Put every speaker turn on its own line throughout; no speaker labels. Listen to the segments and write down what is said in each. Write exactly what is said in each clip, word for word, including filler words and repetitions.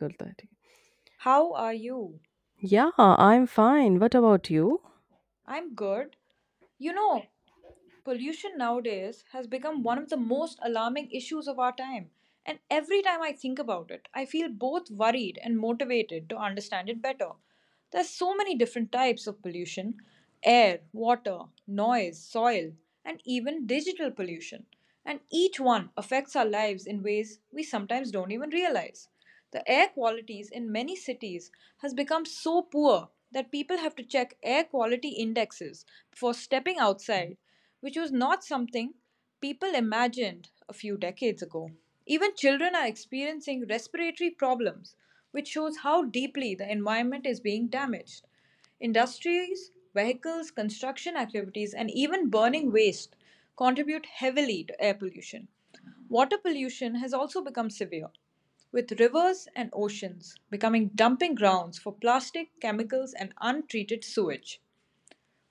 करता है ठीक
How are you?
है। Yeah, I'm fine. What about you?
I'm good. You know, pollution nowadays has become one of the most alarming issues of our time. And every time I think about it, I feel both worried and motivated to understand it better. There's so many different types of pollution: air, water, noise, soil, and even digital pollution. And each one affects our lives in ways we sometimes don't even realize. The air qualities in many cities has become so poor that people have to check air quality indexes before stepping outside, which was not something people imagined a few decades ago. Even children are experiencing respiratory problems, which shows how deeply the environment is being damaged. Industries, vehicles, construction activities, and even burning waste contribute heavily to air pollution. Water pollution has also become severe, with rivers and oceans becoming dumping grounds for plastic, chemicals, and untreated sewage.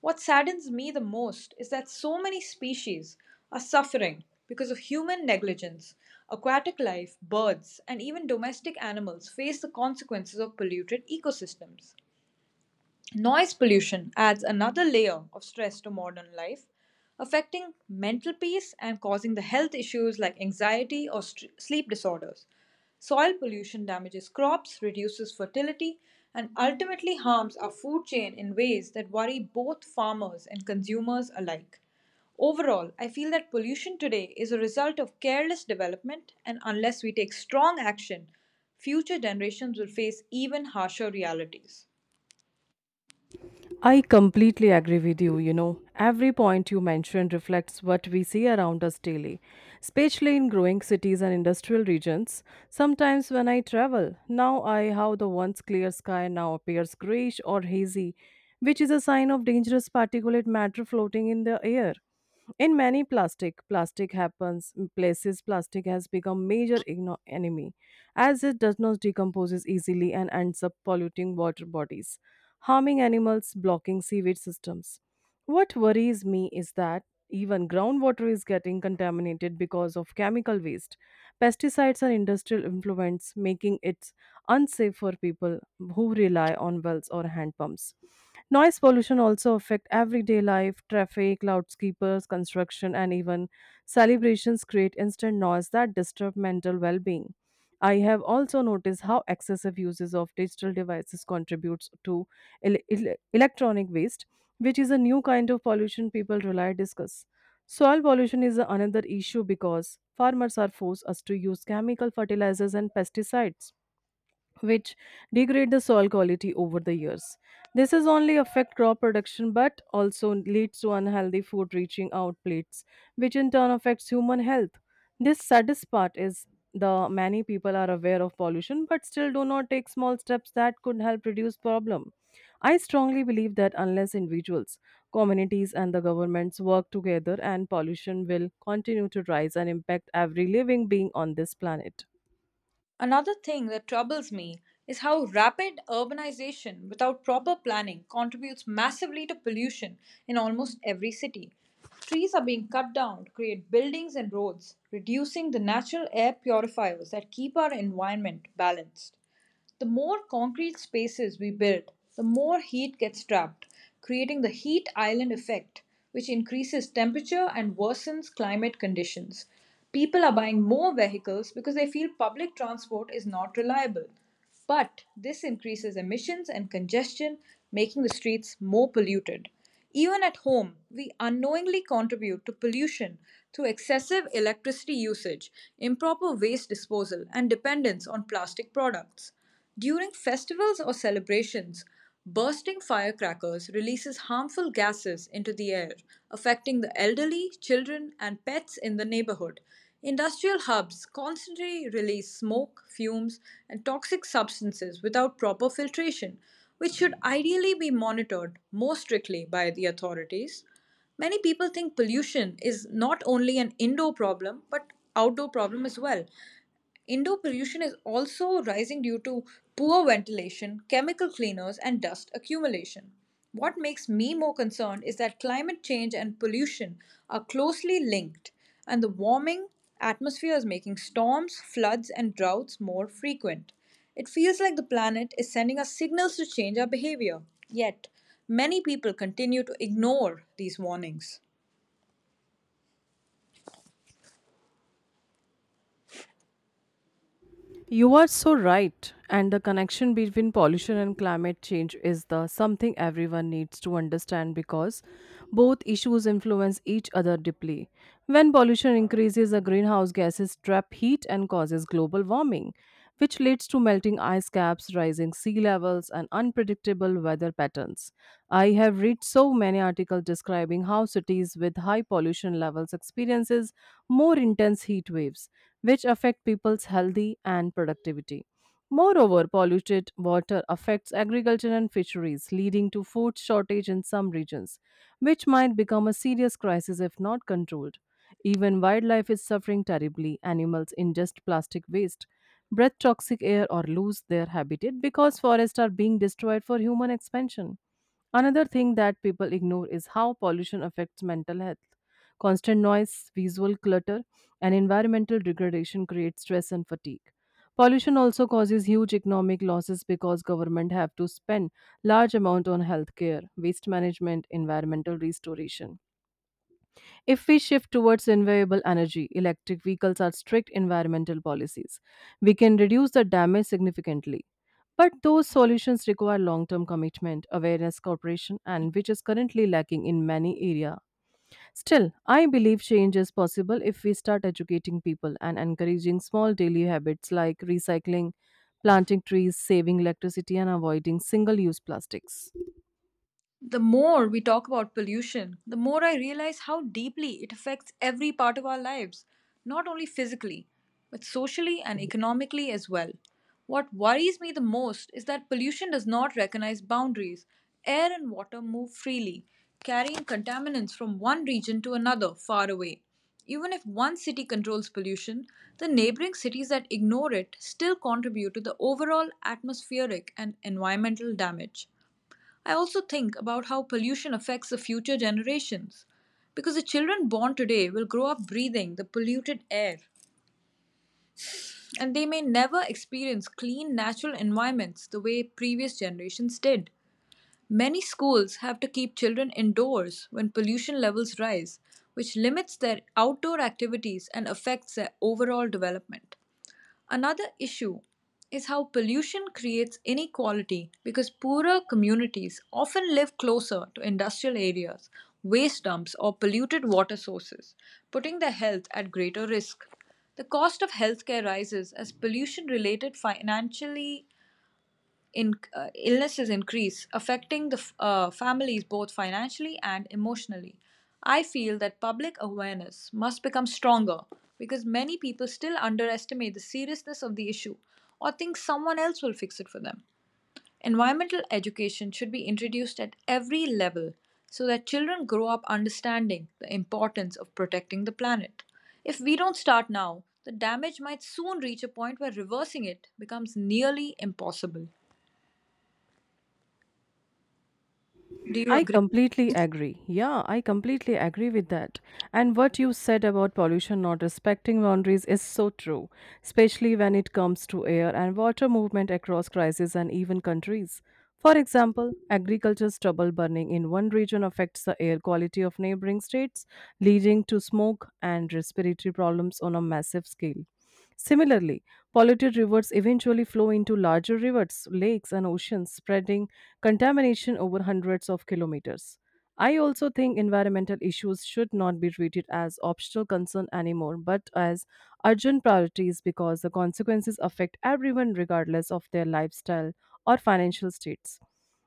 What saddens me the most is that so many species are suffering because of human negligence. Aquatic life, birds, and even domestic animals face the consequences of polluted ecosystems. Noise pollution adds another layer of stress to modern life, affecting mental peace and causing the health issues like anxiety or st- sleep disorders. Soil pollution damages crops, reduces fertility, and ultimately harms our food chain in ways that worry both farmers and consumers alike. Overall, I feel that pollution today is a result of careless development, and unless we take strong action, future generations will face even harsher realities.
I completely agree with you. You know, every point you mentioned reflects what we see around us daily, especially in growing cities and industrial regions. Sometimes when I travel, now I how the once clear sky now appears grayish or hazy, which is a sign of dangerous particulate matter floating in the air. In many plastic, plastic happens places, plastic has become major igno- enemy as it does not decomposes easily and ends up polluting water bodies, harming animals, blocking sewage systems. What worries me is that even groundwater is getting contaminated because of chemical waste, pesticides, and industrial influence, making it unsafe for people who rely on wells or hand pumps. Noise pollution also affect everyday life, traffic, loudspeakers, construction, and even celebrations create instant noise that disturb mental well-being. I have also noticed how excessive uses of digital devices contributes to el- el- electronic waste, which is a new kind of pollution people rely discuss. Soil pollution is another issue because farmers are forced us to use chemical fertilizers and pesticides which degrade the soil quality over the years. This is only affect crop production but also leads to unhealthy food reaching out plates, which in turn affects human health. This saddest part is the many people are aware of pollution but still do not take small steps that could help reduce problem. I strongly believe that unless individuals, communities and the governments work together and pollution will continue to rise and impact every living being on this planet.
Another thing that troubles me is how rapid urbanization without proper planning contributes massively to pollution in almost every city. Trees are being cut down to create buildings and roads, reducing the natural air purifiers that keep our environment balanced. The more concrete spaces we build, the more heat gets trapped, creating the heat island effect, which increases temperature and worsens climate conditions. People are buying more vehicles because they feel public transport is not reliable. But this increases emissions and congestion, making the streets more polluted. Even at home, we unknowingly contribute to pollution through excessive electricity usage, improper waste disposal, and dependence on plastic products. During festivals or celebrations, bursting firecrackers releases harmful gases into the air, affecting the elderly, children, and pets in the neighborhood. Industrial hubs constantly release smoke, fumes, and toxic substances without proper filtration, which should ideally be monitored more strictly by the authorities. Many people think pollution is not only an indoor problem but outdoor problem as well. Indoor pollution is also rising due to poor ventilation, chemical cleaners, and dust accumulation. What makes me more concerned is that climate change and pollution are closely linked, and the warming atmosphere is making storms, floods, and droughts more frequent. It feels like the planet is sending us signals to change our behavior. Yet, many people continue to ignore these warnings.
You are so right. And the connection between pollution and climate change is the something everyone needs to understand because both issues influence each other deeply. When pollution increases, the greenhouse gases trap heat and causes global warming, which leads to melting ice caps, rising sea levels, and unpredictable weather patterns. I have read so many articles describing how cities with high pollution levels experiences more intense heat waves, which affect people's healthy and productivity. Moreover, polluted water affects agriculture and fisheries, leading to food shortage in some regions, which might become a serious crisis if not controlled. Even wildlife is suffering terribly. Animals ingest plastic waste, breathe toxic air or lose their habitat because forests are being destroyed for human expansion. Another thing that people ignore is how pollution affects mental health. Constant noise, visual clutter, and environmental degradation create stress and fatigue. Pollution also causes huge economic losses because government have to spend large amount on healthcare, waste management, environmental restoration. If we shift towards renewable energy, electric vehicles are strict environmental policies. We can reduce the damage significantly. But those solutions require long term commitment, awareness, cooperation, and which is currently lacking in many areas. Still, I believe change is possible if we start educating people and encouraging small daily habits like recycling, planting trees, saving electricity, and avoiding single use plastics.
The more we talk about pollution, the more I realize how deeply it affects every part of our lives, not only physically, but socially and economically as well. What worries me the most is that pollution does not recognize boundaries. Air and water move freely, carrying contaminants from one region to another far away. Even if one city controls pollution, the neighboring cities that ignore it still contribute to the overall atmospheric and environmental damage. I also think about how pollution affects the future generations because the children born today will grow up breathing the polluted air and they may never experience clean natural environments the way previous generations did. Many schools have to keep children indoors when pollution levels rise, which limits their outdoor activities and affects their overall development. Another issue is how pollution creates inequality because poorer communities often live closer to industrial areas, waste dumps, or polluted water sources, putting their health at greater risk. The cost of healthcare rises as pollution related financially in, uh, illnesses increase, affecting the f- uh, families both financially and emotionally. I feel that public awareness must become stronger because many people still underestimate the seriousness of the issue or think someone else will fix it for them. Environmental education should be introduced at every level so that children grow up understanding the importance of protecting the planet. If we don't start now, the damage might soon reach a point where reversing it becomes nearly impossible. Do you
I
agree?
completely agree. Yeah, I completely agree with that. And what you said about pollution not respecting boundaries is so true, especially when it comes to air and water movement across crises and even countries. For example, agriculture's trouble burning in one region affects the air quality of neighboring states, leading to smoke and respiratory problems on a massive scale. Similarly, polluted rivers eventually flow into larger rivers, lakes, and oceans, spreading contamination over hundreds of kilometers. I also think environmental issues should not be treated as optional concern anymore, but as urgent priorities because the consequences affect everyone regardless of their lifestyle or financial states.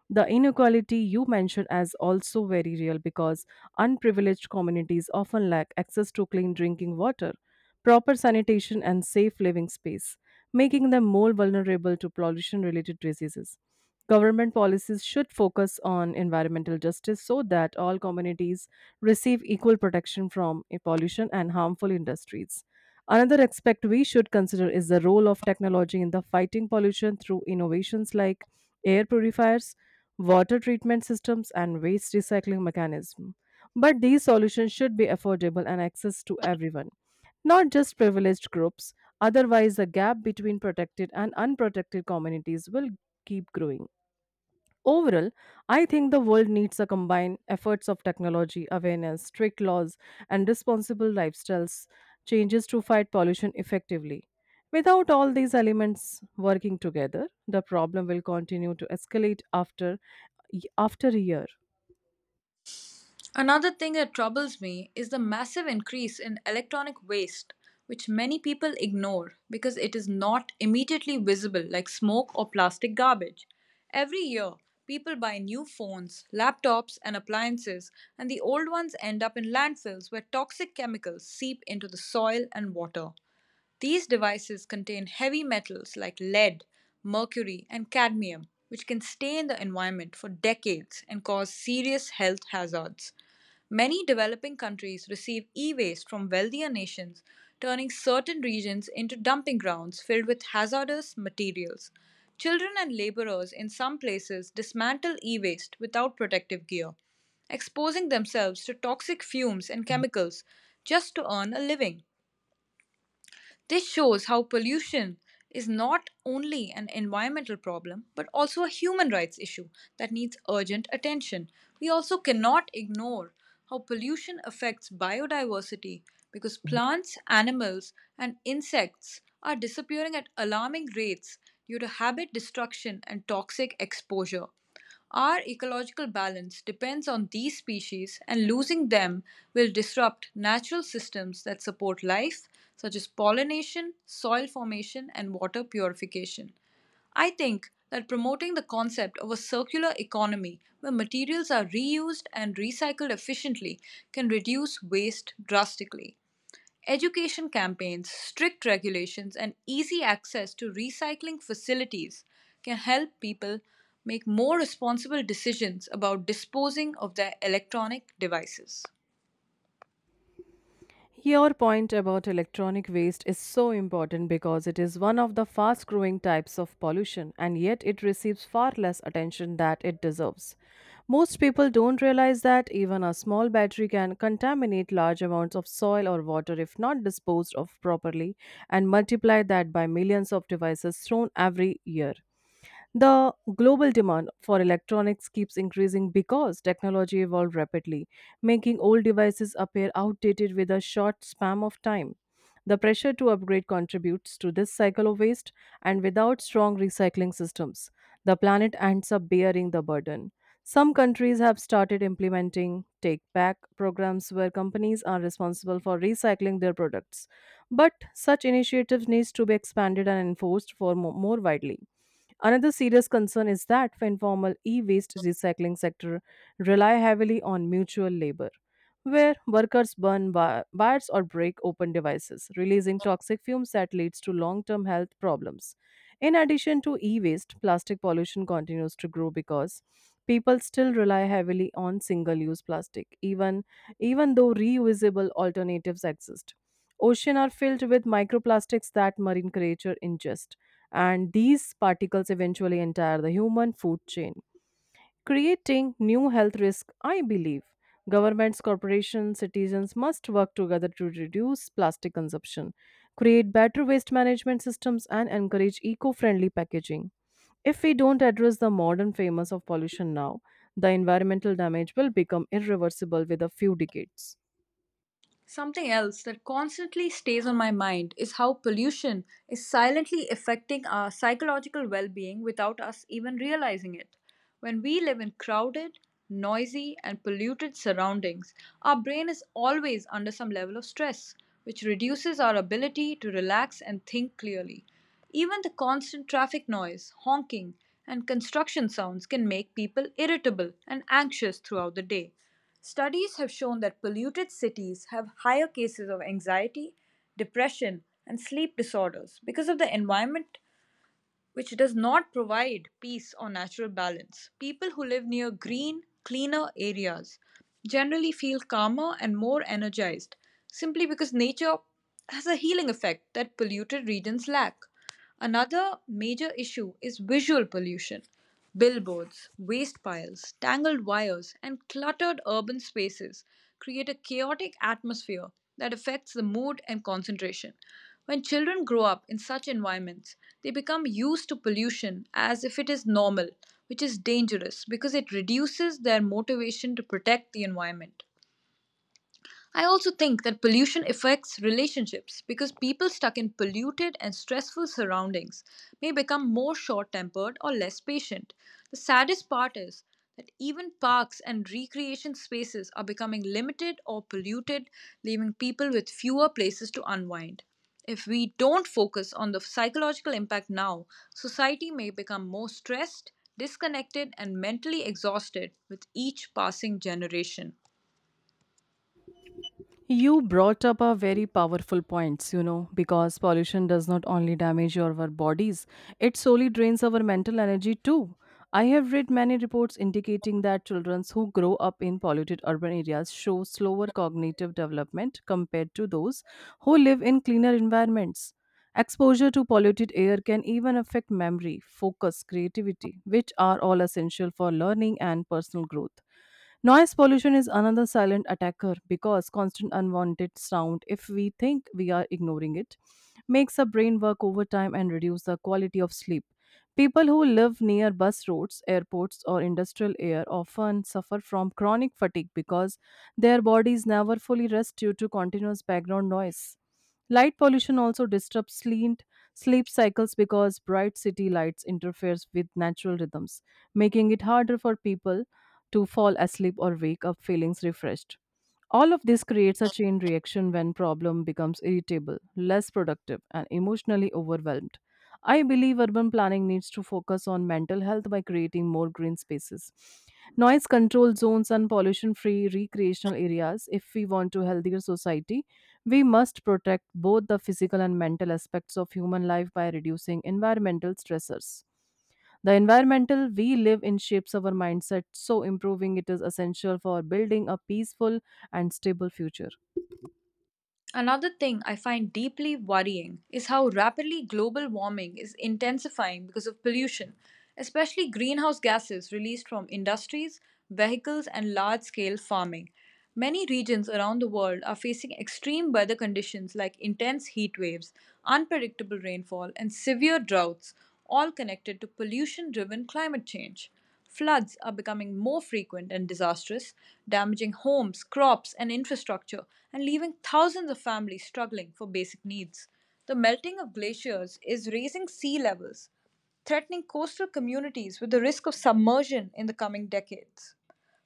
The inequality you mentioned is also very real because unprivileged communities often lack access to clean drinking water, proper sanitation, and safe living space, making them more vulnerable to pollution related diseases. Government policies should focus on environmental justice so that all communities receive equal protection from pollution and harmful industries. Another aspect we should consider is the role of technology in the fighting pollution through innovations like air purifiers, water treatment systems, and waste recycling mechanism. But these solutions should be affordable and access to everyone, not just privileged groups. Otherwise, the gap between protected and unprotected communities will keep growing. Overall, I think the world needs a combined efforts of technology, awareness, strict laws, and responsible lifestyles changes to fight pollution effectively. Without all these elements working together, the problem will continue to escalate after after a year.
Another thing that troubles me is the massive increase in electronic waste, which many people ignore because it is not immediately visible like smoke or plastic garbage. Every year, people buy new phones, laptops, and appliances, and the old ones end up in landfills where toxic chemicals seep into the soil and water. These devices contain heavy metals like lead, mercury, and cadmium, which can stain the environment for decades and cause serious health hazards. Many developing countries receive e waste from wealthier nations, turning certain regions into dumping grounds filled with hazardous materials. Children and laborers in some places dismantle e waste without protective gear, exposing themselves to toxic fumes and chemicals just to earn a living. This shows how pollution is not only an environmental problem but also a human rights issue that needs urgent attention. We also cannot ignore how pollution affects biodiversity because plants, animals, and insects are disappearing at alarming rates due to habit destruction and toxic exposure. Our ecological balance depends on these species, and losing them will disrupt natural systems that support life, such as pollination, soil formation, and water purification. I think that promoting the concept of a circular economy where materials are reused and recycled efficiently can reduce waste drastically. Education campaigns, strict regulations, and easy access to recycling facilities can help people make more responsible decisions about disposing of their electronic devices.
Your point about electronic waste is so important because it is one of the fast growing types of pollution and yet it receives far less attention that it deserves. Most people don't realize that even a small battery can contaminate large amounts of soil or water if not disposed of properly and multiply that by millions of devices thrown every year. The global demand for electronics keeps increasing because technology evolved rapidly, making old devices appear outdated with a short span of time. The pressure to upgrade contributes to this cycle of waste, and without strong recycling systems, the planet ends up bearing the burden. Some countries have started implementing take back programs where companies are responsible for recycling their products. But such initiatives needs to be expanded and enforced for mo- more widely. Another serious concern is that the informal e-waste recycling sector rely heavily on mutual labor, where workers burn bi- bars or break open devices, releasing toxic fumes that leads to long-term health problems. In addition to e-waste, plastic pollution continues to grow because people still rely heavily on single-use plastic, even even though reusable alternatives exist. Oceans are filled with microplastics that marine creatures ingest and these particles eventually enter the human food chain, creating new health risks, I believe. Governments, corporations, citizens must work together to reduce plastic consumption, create better waste management systems, and encourage eco friendly packaging. If we don't address the modern famous of pollution now, the environmental damage will become irreversible with a few decades.
Something else that constantly stays on my mind is how pollution is silently affecting our psychological well being without us even realizing it. When we live in crowded, noisy, and polluted surroundings, our brain is always under some level of stress, which reduces our ability to relax and think clearly. Even the constant traffic noise, honking, and construction sounds can make people irritable and anxious throughout the day. Studies have shown that polluted cities have higher cases of anxiety, depression, and sleep disorders because of the environment which does not provide peace or natural balance. People who live near green, cleaner areas generally feel calmer and more energized simply because nature has a healing effect that polluted regions lack. Another major issue is visual pollution. Billboards, waste piles, tangled wires, and cluttered urban spaces create a chaotic atmosphere that affects the mood and concentration. When children grow up in such environments, they become used to pollution as if it is normal, which is dangerous because it reduces their motivation to protect the environment. I also think that pollution affects relationships because people stuck in polluted and stressful surroundings may become more short tempered or less patient. The saddest part is that even parks and recreation spaces are becoming limited or polluted, leaving people with fewer places to unwind. If we don't focus on the psychological impact now, society may become more stressed, disconnected, and mentally exhausted with each passing generation.
You brought up a very powerful points, you know, because pollution does not only damage our bodies, it solely drains our mental energy too. I have read many reports indicating that children who grow up in polluted urban areas show slower cognitive development compared to those who live in cleaner environments. Exposure to polluted air can even affect memory, focus, creativity, which are all essential for learning and personal growth. Noise pollution is another silent attacker because constant unwanted sound, if we think we are ignoring it, makes our brain work overtime and reduce the quality of sleep. People who live near bus routes, airports, or industrial air often suffer from chronic fatigue because their bodies never fully rest due to continuous background noise. Light pollution also disrupts sleep, sleep cycles because bright city lights interferes with natural rhythms, making it harder for people to fall asleep or wake up feeling refreshed. All of this creates a chain reaction when problem becomes irritable, less productive, and emotionally overwhelmed. I believe urban planning needs to focus on mental health by creating more green spaces, noise control zones, and pollution free recreational areas. If we want a healthier society, we must protect both the physical and mental aspects of human life by reducing environmental stressors. The environmental we live in shapes our mindset, so improving it is essential for building a peaceful and stable future.
Another thing I find deeply worrying is how rapidly global warming is intensifying because of pollution, especially greenhouse gases released from industries, vehicles, and large scale farming. Many regions around the world are facing extreme weather conditions like intense heat waves, unpredictable rainfall, and severe droughts, all connected to pollution driven climate change. Floods are becoming more frequent and disastrous, damaging homes, crops, and infrastructure, and leaving thousands of families struggling for basic needs. The melting of glaciers is raising sea levels, threatening coastal communities with the risk of submersion in the coming decades.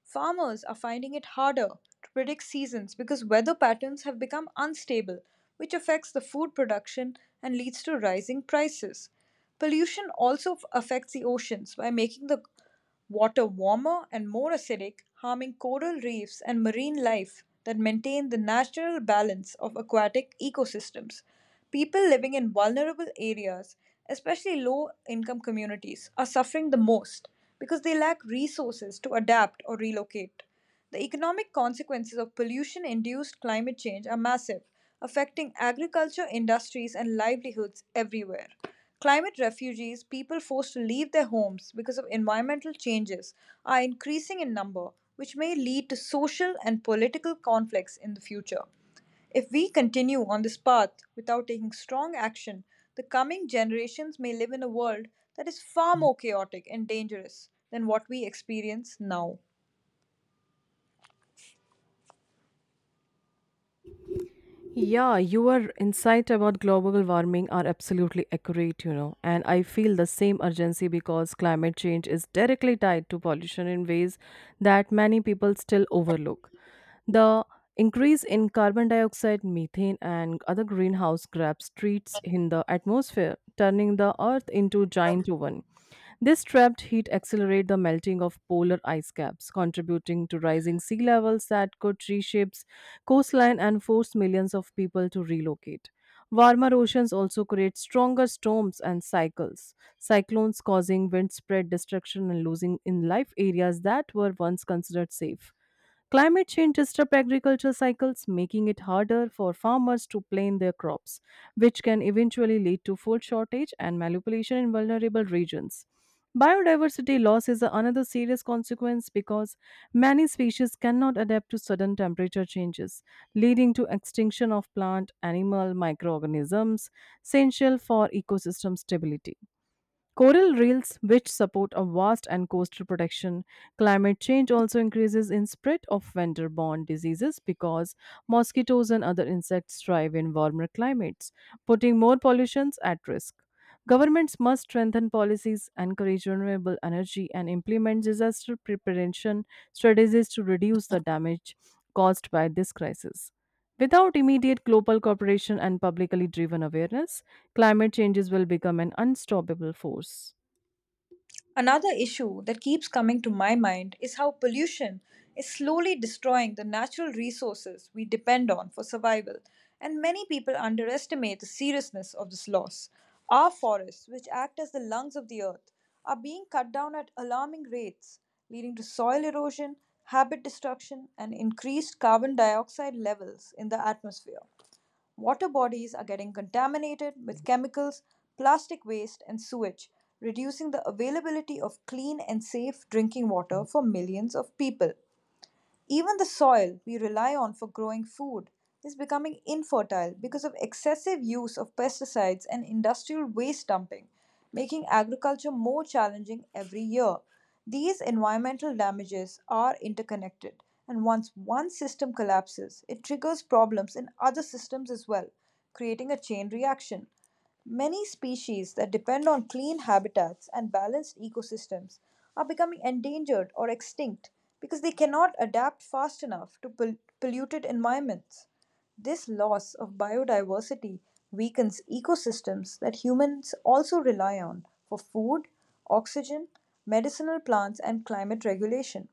Farmers are finding it harder to predict seasons because weather patterns have become unstable, which affects the food production and leads to rising prices. Pollution also f- affects the oceans by making the water warmer and more acidic, harming coral reefs and marine life that maintain the natural balance of aquatic ecosystems. People living in vulnerable areas, especially low income communities, are suffering the most because they lack resources to adapt or relocate. The economic consequences of pollution induced climate change are massive, affecting agriculture, industries, and livelihoods everywhere. Climate refugees, people forced to leave their homes because of environmental changes, are increasing in number, which may lead to social and political conflicts in the future. If we continue on this path without taking strong action, the coming generations may live in a world that is far more chaotic and dangerous than what we experience now.
Yeah, your insight about global warming are absolutely accurate, you know, and I feel the same urgency because climate change is directly tied to pollution in ways that many people still overlook. The increase in carbon dioxide, methane, and other greenhouse gas treats in the atmosphere, turning the Earth into giant oven. This trapped heat accelerates the melting of polar ice caps, contributing to rising sea levels that could reshape coastline and force millions of people to relocate. Warmer oceans also create stronger storms and cycles, cyclones causing windspread destruction and losing in life areas that were once considered safe. Climate change disrupts agriculture cycles, making it harder for farmers to plan their crops, which can eventually lead to food shortage and malnutrition in vulnerable regions. Biodiversity loss is another serious consequence because many species cannot adapt to sudden temperature changes, leading to extinction of plant, animal, microorganisms essential for ecosystem stability. Coral reefs, which support a vast and coastal protection, climate change also increases in spread of winter-borne diseases because mosquitoes and other insects thrive in warmer climates, putting more pollutions at risk. Governments must strengthen policies, encourage renewable energy, and implement disaster preparation strategies to reduce the damage caused by this crisis. Without immediate global cooperation and publicly driven awareness, climate changes will become an unstoppable force.
Another issue that keeps coming to my mind is how pollution is slowly destroying the natural resources we depend on for survival, and many people underestimate the seriousness of this loss. Our forests, which act as the lungs of the earth, are being cut down at alarming rates, leading to soil erosion, habit destruction, and increased carbon dioxide levels in the atmosphere. Water bodies are getting contaminated with chemicals, plastic waste, and sewage, reducing the availability of clean and safe drinking water for millions of people. Even the soil we rely on for growing food is becoming infertile because of excessive use of pesticides and industrial waste dumping, making agriculture more challenging every year. These environmental damages are interconnected, and once one system collapses, it triggers problems in other systems as well, creating a chain reaction. Many species that depend on clean habitats and balanced ecosystems are becoming endangered or extinct because they cannot adapt fast enough to pol- polluted environments. This loss of biodiversity weakens ecosystems that humans also rely on for food, oxygen, medicinal plants, and climate regulation.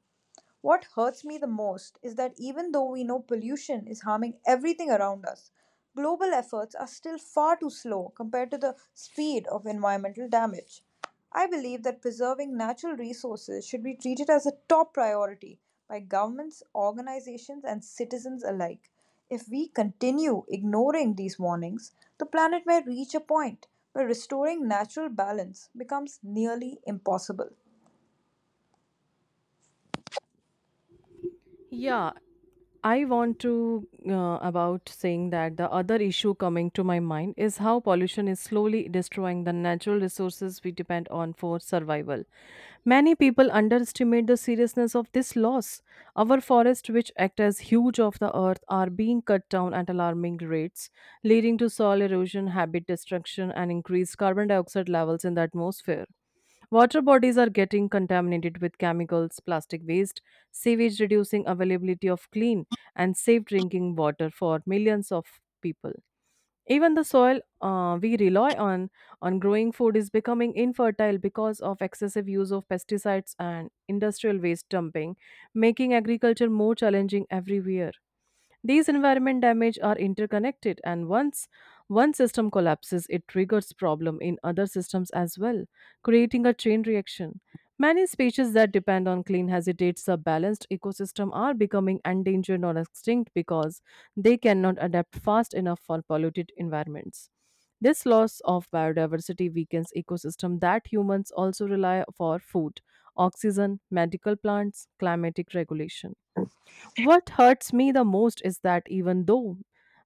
What hurts me the most is that even though we know pollution is harming everything around us, global efforts are still far too slow compared to the speed of environmental damage. I believe that preserving natural resources should be treated as a top priority by governments, organizations, and citizens alike. If we continue ignoring these warnings, the planet may reach a point where restoring natural balance becomes nearly impossible.
Yeah, I want to uh, about saying that the other issue coming to my mind is how pollution is slowly destroying the natural resources we depend on for survival. Many people underestimate the seriousness of this loss. Our forests, which act as huge of the earth, are being cut down at alarming rates, leading to soil erosion, habit destruction, and increased carbon dioxide levels in the atmosphere. Water bodies are getting contaminated with chemicals, plastic waste, sewage reducing availability of clean and safe drinking water for millions of people. Even the soil uh, we rely on on growing food is becoming infertile because of excessive use of pesticides and industrial waste dumping, making agriculture more challenging every year. These environment damage are interconnected and once one system collapses it triggers problem in other systems as well, creating a chain reaction. Many species that depend on clean habitats or balanced ecosystem are becoming endangered or extinct because they cannot adapt fast enough for polluted environments. This loss of biodiversity weakens ecosystem that humans also rely for food, oxygen, medical plants, climatic regulation. What hurts me the most is that even though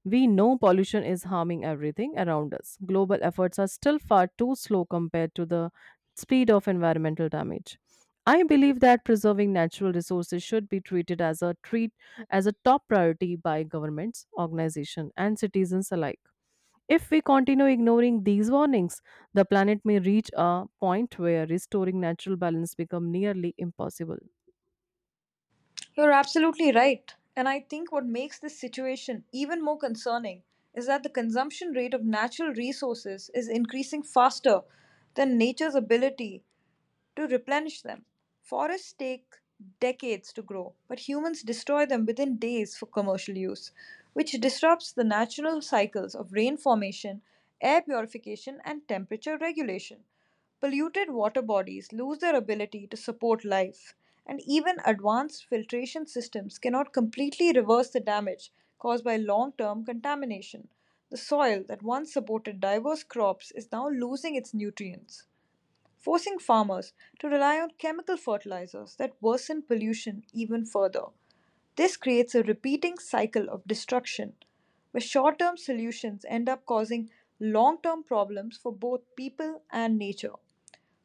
we know pollution is harming everything around us, global efforts are still far too slow compared to the speed of environmental damage. I believe that preserving natural resources should be treated as a treat as a top priority by governments, organizations, and citizens alike. If we continue ignoring these warnings, the planet may reach a point where restoring natural balance becomes nearly impossible.
You're absolutely right. And I think what makes this situation even more concerning is that the consumption rate of natural resources is increasing faster than nature's ability to replenish them. Forests take decades to grow, but humans destroy them within days for commercial use, which disrupts the natural cycles of rain formation, air purification, and temperature regulation. Polluted water bodies lose their ability to support life, and even advanced filtration systems cannot completely reverse the damage caused by long term contamination. The soil that once supported diverse crops is now losing its nutrients forcing farmers to rely on chemical fertilizers that worsen pollution even further. This creates a repeating cycle of destruction, where short term solutions end up causing long term problems for both people and nature.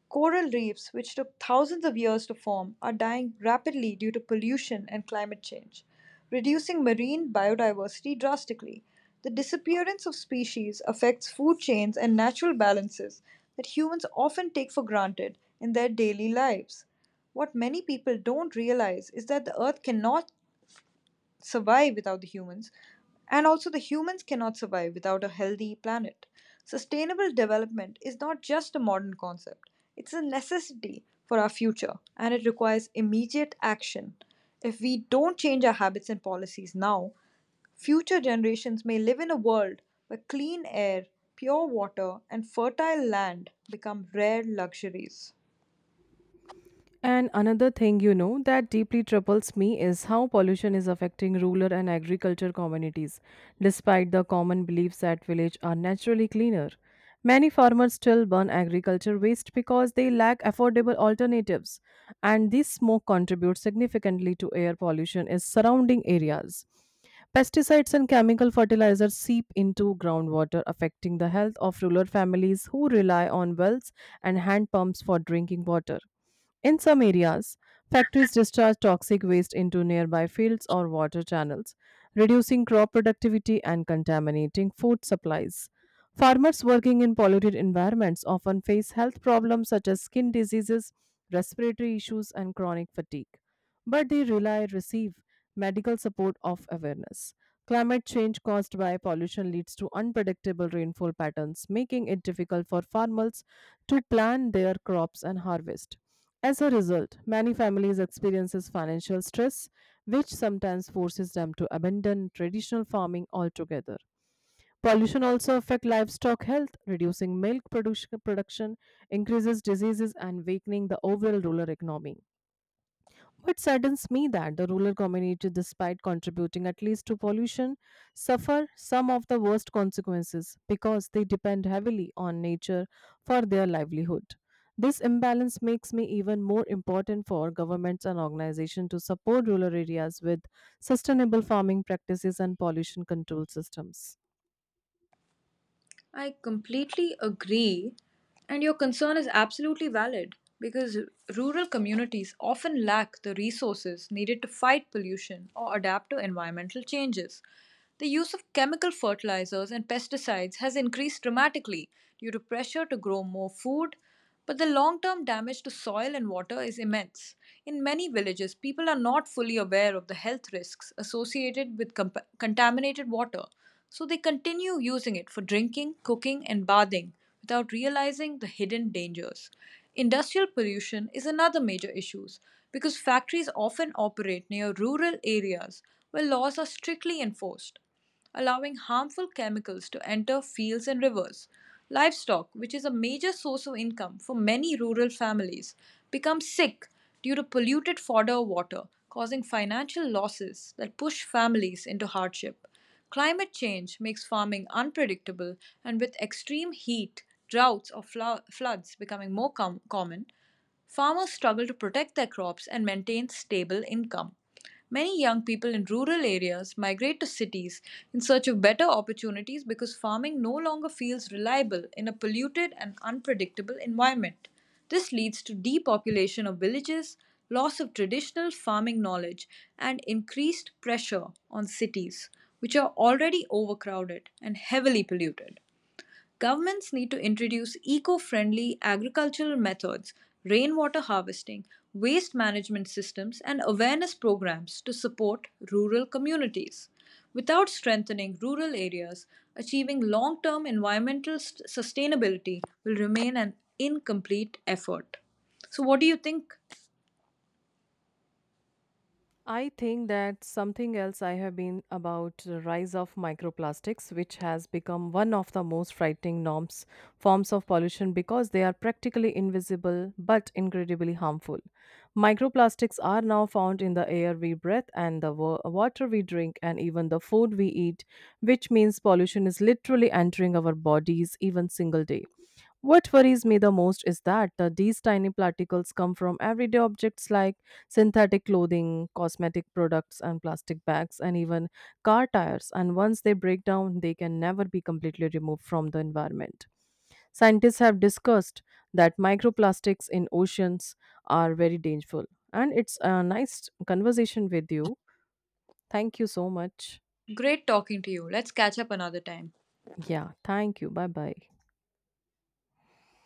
Coral reefs, which took thousands of years to form, are dying rapidly due to pollution and climate change, reducing marine biodiversity drastically. The disappearance of species affects food chains and natural balances that humans often take for granted in their daily lives. What many people don't realize is that the Earth cannot survive without the humans, and also the humans cannot survive without a healthy planet. Sustainable development is not just a modern concept, it's a necessity for our future, and it requires immediate action. If we don't change our habits and policies now, future generations may live in a world where clean air, pure water, and fertile land become rare luxuries.
And another thing, you know that deeply troubles me is how pollution is affecting rural and agriculture communities, despite the common beliefs that villages are naturally cleaner. Many farmers still burn agriculture waste because they lack affordable alternatives, and this smoke contributes significantly to air pollution in surrounding areas. Pesticides and chemical fertilizers seep into groundwater, affecting the health of rural families who rely on wells and hand pumps for drinking water. In some areas, factories discharge toxic waste into nearby fields or water channels, reducing crop productivity and contaminating food supplies. Farmers working in polluted environments often face health problems such as skin diseases, respiratory issues, and chronic fatigue. But they rely receive medical support of awareness. Climate change caused by pollution leads to unpredictable rainfall patterns, making it difficult for farmers to plan their crops and harvest. As a result, many families experiences financial stress, which sometimes forces them to abandon traditional farming altogether. Pollution also affects livestock health, reducing milk production, production, increases diseases, and weakening the overall rural economy. What saddens me that the rural community, despite contributing at least to pollution, suffer some of the worst consequences because they depend heavily on nature for their livelihood. This imbalance makes me even more important for governments and organizations to support rural areas with sustainable farming practices, and pollution control systems.
I completely agree, and your concern is absolutely valid because rural communities often lack the resources needed to fight pollution or adapt to environmental changes. The use of chemical fertilizers and pesticides has increased dramatically due to pressure to grow more food, but the long term damage to soil and water is immense. In many villages, people are not fully aware of the health risks associated with compa- contaminated water, so they continue using it for drinking, cooking, and bathing without realizing the hidden dangers. Industrial pollution is another major issue because factories often operate near rural areas where laws are strictly enforced, allowing harmful chemicals to enter fields and rivers. Livestock, which is a major source of income for many rural families, becomes sick due to polluted fodder or water, causing financial losses that push families into hardship. Climate change makes farming unpredictable, and with extreme heat, droughts, or flo- floods becoming more com- common, farmers struggle to protect their crops and maintain stable income. Many young people in rural areas migrate to cities in search of better opportunities because farming no longer feels reliable in a polluted and unpredictable environment. This leads to depopulation of villages, loss of traditional farming knowledge, and increased pressure on cities, which are already overcrowded and heavily polluted. Governments need to introduce eco friendly agricultural methods, rainwater harvesting, waste management systems, and awareness programs to support rural communities. Without strengthening rural areas, achieving long term environmental s- sustainability will remain an incomplete effort. So, what do you think?
I think that something else I have been about the rise of microplastics, which has become one of the most frightening norms forms of pollution because they are practically invisible but incredibly harmful. Microplastics are now found in the air we breathe and the wa- water we drink and even the food we eat, which means pollution is literally entering our bodies even single day. What worries me the most is that uh, these tiny particles come from everyday objects like synthetic clothing, cosmetic products, and plastic bags, and even car tires. And once they break down, they can never be completely removed from the environment. Scientists have discussed that microplastics in oceans are very dangerous. And it's a nice conversation with you. Thank you so much.
Great talking to you. Let's catch up another time.
Yeah, thank you. Bye bye.